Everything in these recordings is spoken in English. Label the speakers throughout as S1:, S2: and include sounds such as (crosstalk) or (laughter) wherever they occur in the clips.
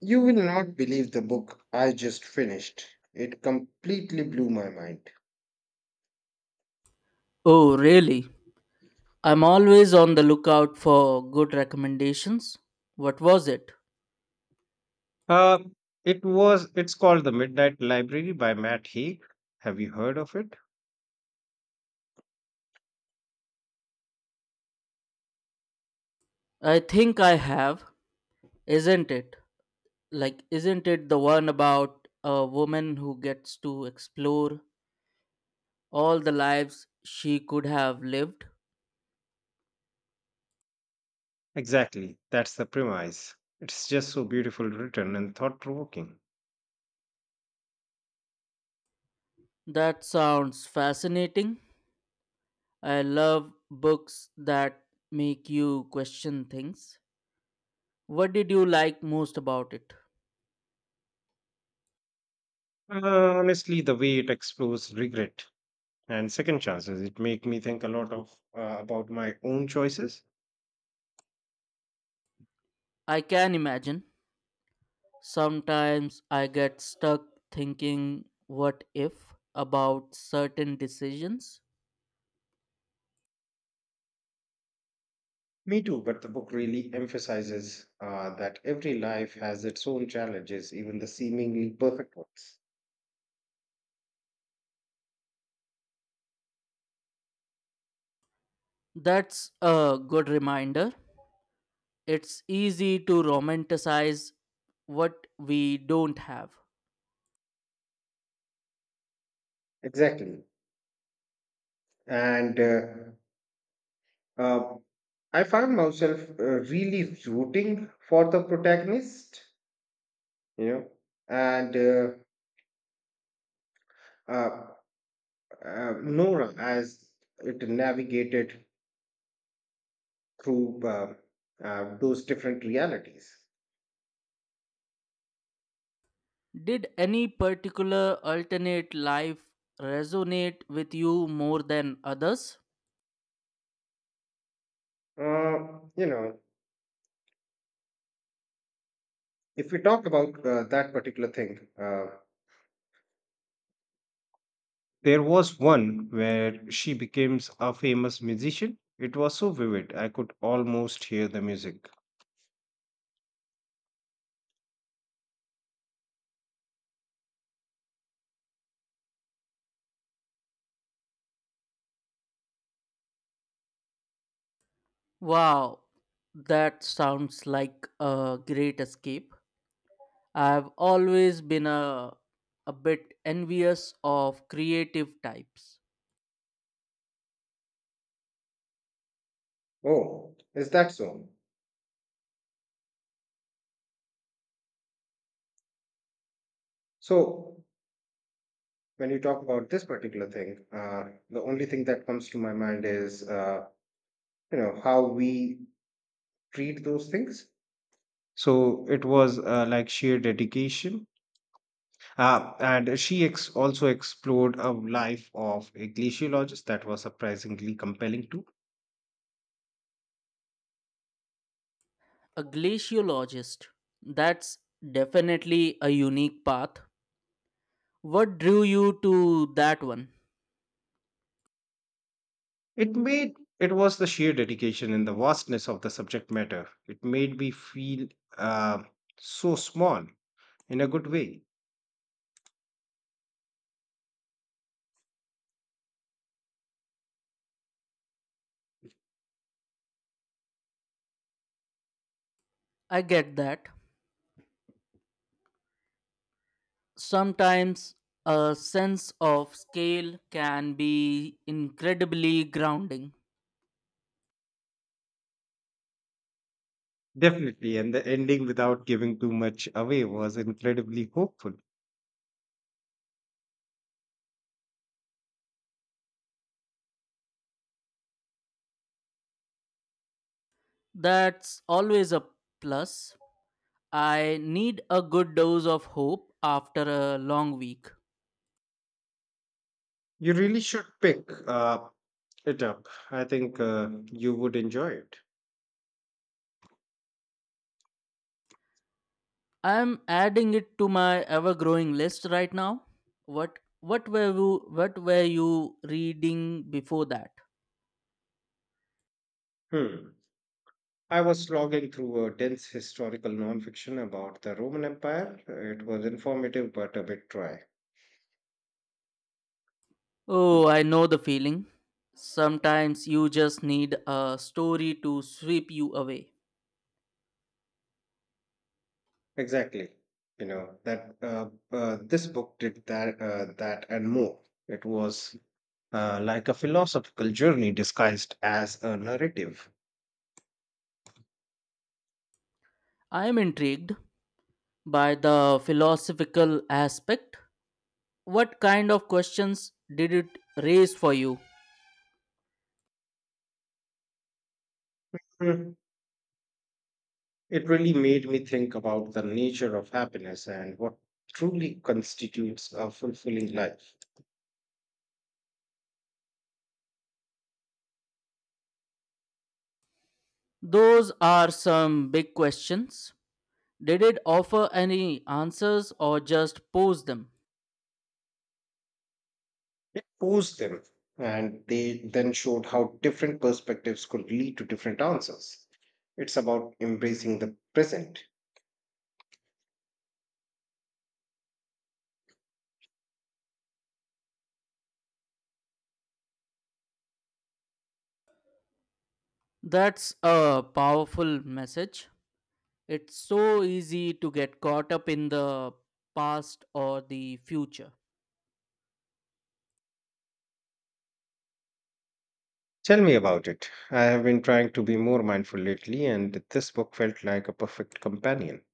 S1: You will not believe the book I just finished. It completely blew my mind.
S2: Oh, really? I'm always on the lookout for good recommendations. What was it?
S1: Uh, it's called The Midnight Library by Matt Haig. Have you heard of it?
S2: I think I have, isn't it? Isn't it the one about a woman who gets to explore all the lives she could have lived?
S1: Exactly. That's the premise. It's just so beautiful written and thought provoking.
S2: That sounds fascinating. I love books that make you question things. What did you like most about it?
S1: Honestly, the way it explores regret and second chances, it make me think a lot of about my own choices.
S2: I can imagine. Sometimes I get stuck thinking, what if, about certain decisions?
S1: Me too, but it emphasis, that every life has its own challenges, even the seemingly perfect ones.
S2: That's a good reminder. It's easy to romanticize what we don't have.
S1: Exactly. And uh, I found myself really rooting for the protagonist, you know, and uh, Nora as it navigated through those different realities.
S2: Did any particular alternate life resonate with you more than others?
S1: Uh, you know, if we talk about that particular thing, there was one where she becomes a famous musician. It was so vivid, I could almost hear the music.
S2: Wow, that sounds like a great escape. I've always been a bit envious of creative types.
S1: Oh, is that so? When you talk about thing, the, uh, you know how we treat those things. So it was like sheer dedication, and also explored a life of a glaciologist that was surprisingly compelling too.
S2: A glaciologist, that's definitely a unique path. What drew you to that one?
S1: It made it was the sheer dedication and the vastness of the subject matter. It made me feel uh, so small in a good way.
S2: I get that. Sometimes a sense of scale can be incredibly grounding.
S1: Definitely, and the ending without giving too much away was incredibly hopeful.
S2: That's always a plus. I need a good dose of hope after a long week.
S1: You really should pick it up. I think you would enjoy it.
S2: I'm adding it to my ever growing list right now. What were you reading before that?
S1: Hmm. I was logging through a dense historical nonfiction about the Roman Empire. It was informative but a bit dry.
S2: Oh, I know the feeling. Sometimes you just need a story to sweep you away.
S1: Exactly. You know that this book did that, that and more. It was like a philosophical journey disguised as a narrative.
S2: I am intrigued by the philosophical aspect. What kind of questions did it raise for you?
S1: Mm, It really made me think about the nature of happiness and what truly constitutes a fulfilling life.
S2: Those are some big questions. Did it offer any answers or just pose them?
S1: It posed them, and they then showed how different perspectives could lead to different answers. It's about embracing the present.
S2: That's a powerful message. It's so easy to get caught up in the past or the future.
S1: Tell me about it. I have been trying to be more mindful lately, and this book felt like a perfect companion.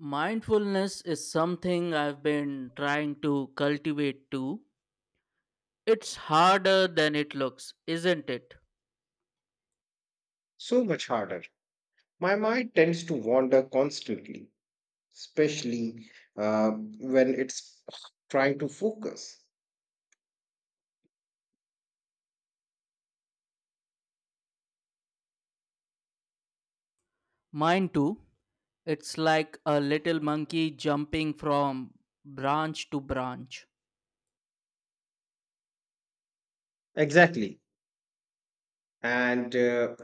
S2: Mindfulness is something I've been trying to cultivate too. It's harder than it looks, isn't it?
S1: So much harder. My mind tends to wander constantly, especially uh, when it's trying to focus.
S2: Mine too. It's like a little monkey jumping from branch to branch.
S1: Exactly. And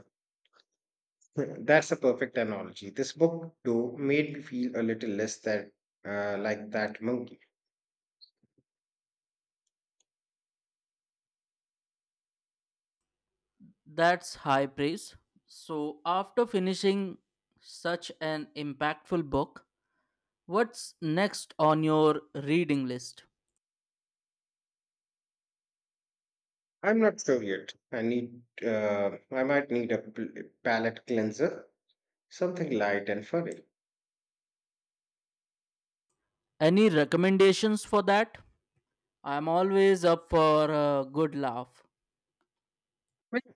S1: (clears throat) that's a perfect analogy. This book, though, made me feel a little less than like that monkey.
S2: That's high praise. So, after finishing such an impactful book, what's next on your reading list?
S1: I'm not sure yet. I might need a palate cleanser, something light and furry.
S2: Any recommendations for that? I'm always up for a good laugh.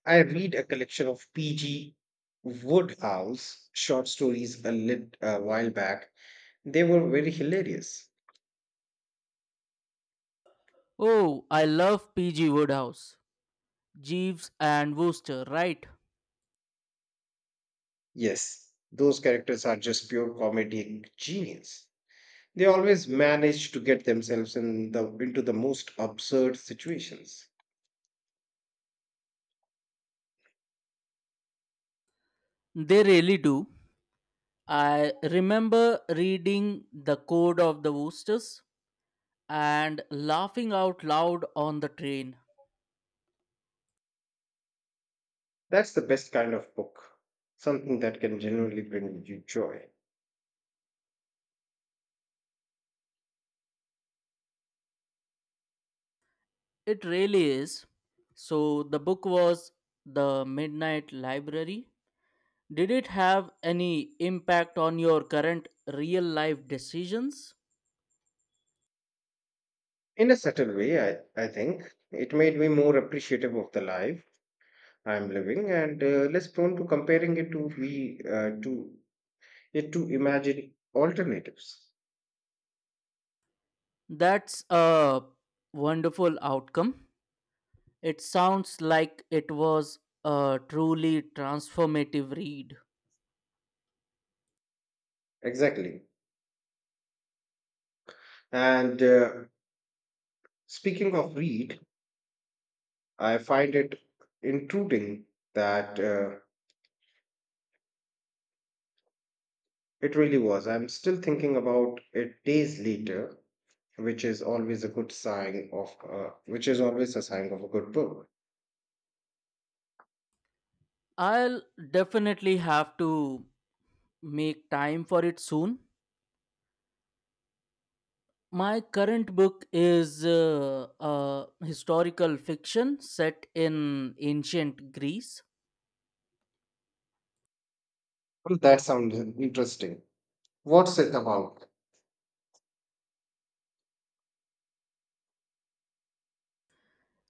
S1: I read a collection of P.G. Woodhouse short stories a while back. They were very hilarious.
S2: Oh, I love P.G. Woodhouse, Jeeves and Wooster, right?
S1: Yes, those characters are just pure comedic genius. They always manage to get themselves into the most absurd situations.
S2: They really do. I remember reading The Code of the Woosters and laughing out loud on the train.
S1: That's the best kind of book, something that can genuinely bring you joy.
S2: It really is. So, the book was The Midnight Library. Did it have any impact on your current real life decisions?
S1: In a subtle way, I think it made me more appreciative of the life I'm living, and less prone to comparing it to we to it to imagine alternatives.
S2: That's a wonderful outcome. It sounds like it was a truly transformative read.
S1: Exactly. And speaking of read, I find it intruding that it really was. I'm still thinking about it days later, which is always a good sign of which is always a sign of a good book.
S2: I'll definitely have to make time for it soon. My current book is a historical fiction set in ancient Greece.
S1: Well, that sounds interesting. What's it about?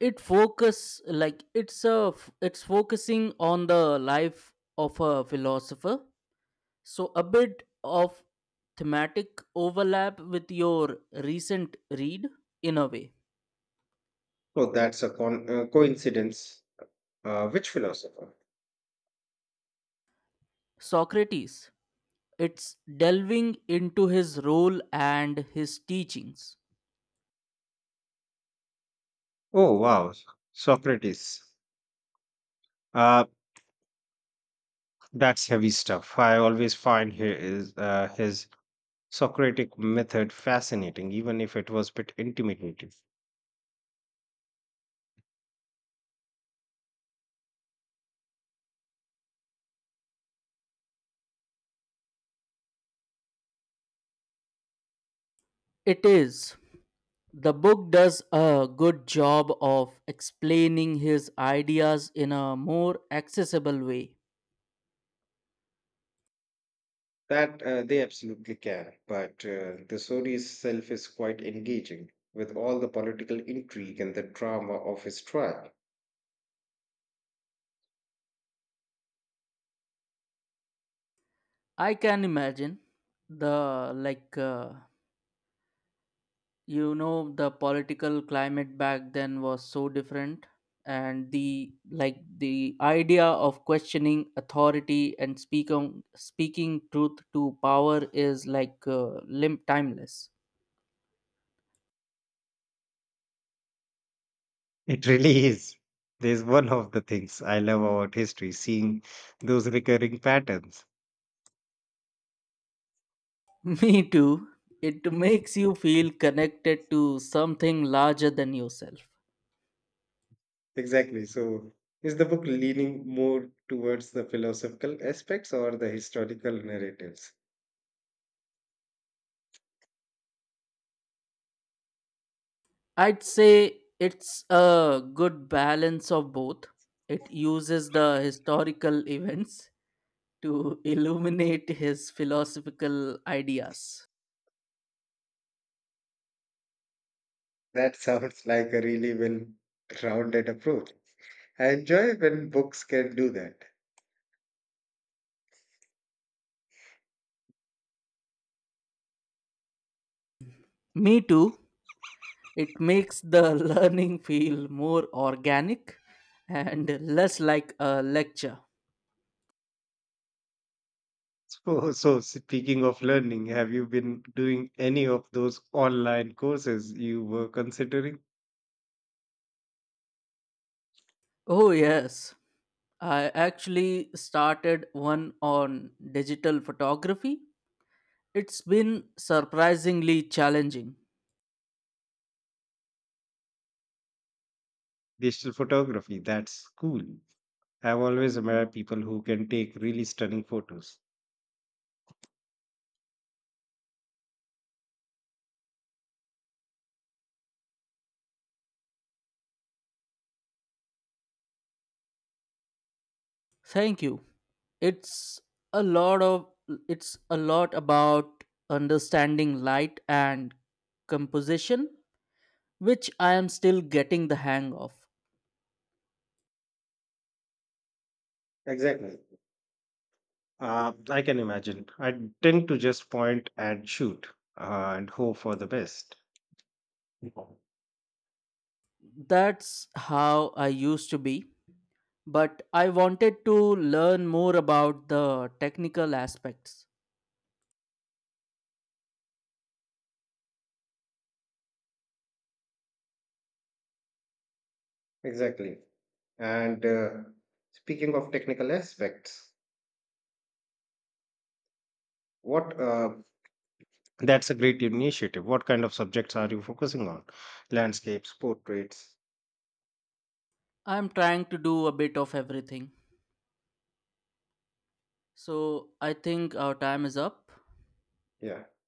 S2: It's focusing on the life of a philosopher, so a bit of thematic overlap with your recent read, in a way.
S1: Oh, that's a coincidence. Which philosopher?
S2: Socrates. It's delving into his role and his teachings.
S1: Oh wow, Socrates. Uh, that's heavy stuff. I always find here is his Socratic method fascinating, even if it was a bit intimidating.
S2: It is. The book does a good job of explaining his ideas in a more accessible way.
S1: That They absolutely can, but the story itself is quite engaging, with all the political intrigue and the drama of his trial.
S2: I can imagine the, like uh, you know, the political climate back then was so different, and the idea of questioning authority and speaking truth to power is timeless.
S1: It really is. There's one of the things I love about history, seeing those recurring patterns.
S2: (laughs) Me too. It makes you feel connected to something larger than yourself.
S1: Exactly. So, is the book leaning more towards the philosophical aspects or the historical narratives?
S2: I'd say it's a good balance of both. It uses the historical events to illuminate his philosophical ideas.
S1: That (laughs) sounds like a really well rounded approach. I enjoy when books can do that.
S2: Me too. It makes the (laughs) learning feel more organic and less like a lecture.
S1: So, speaking of learning, have you been doing any of those online courses you were considering?
S2: Oh, yes. I actually started one on digital photography. It's been surprisingly challenging.
S1: Digital photography, that's cool. I've always admired people who can take really stunning photos.
S2: Thank you. It's a lot of it's a lot about understanding light and composition, which I am still getting the hang of.
S1: Exactly. I can imagine. I tend to just point and shoot and hope for the best.
S2: That's how I used to be, but I wanted to learn more about the technical aspects.
S1: Exactly. And speaking of technical aspects, what that's a great initiative. What kind of subjects are you focusing on? Landscapes, portraits?
S2: I'm trying to do a bit of everything. So I think our time is up.
S1: Yeah.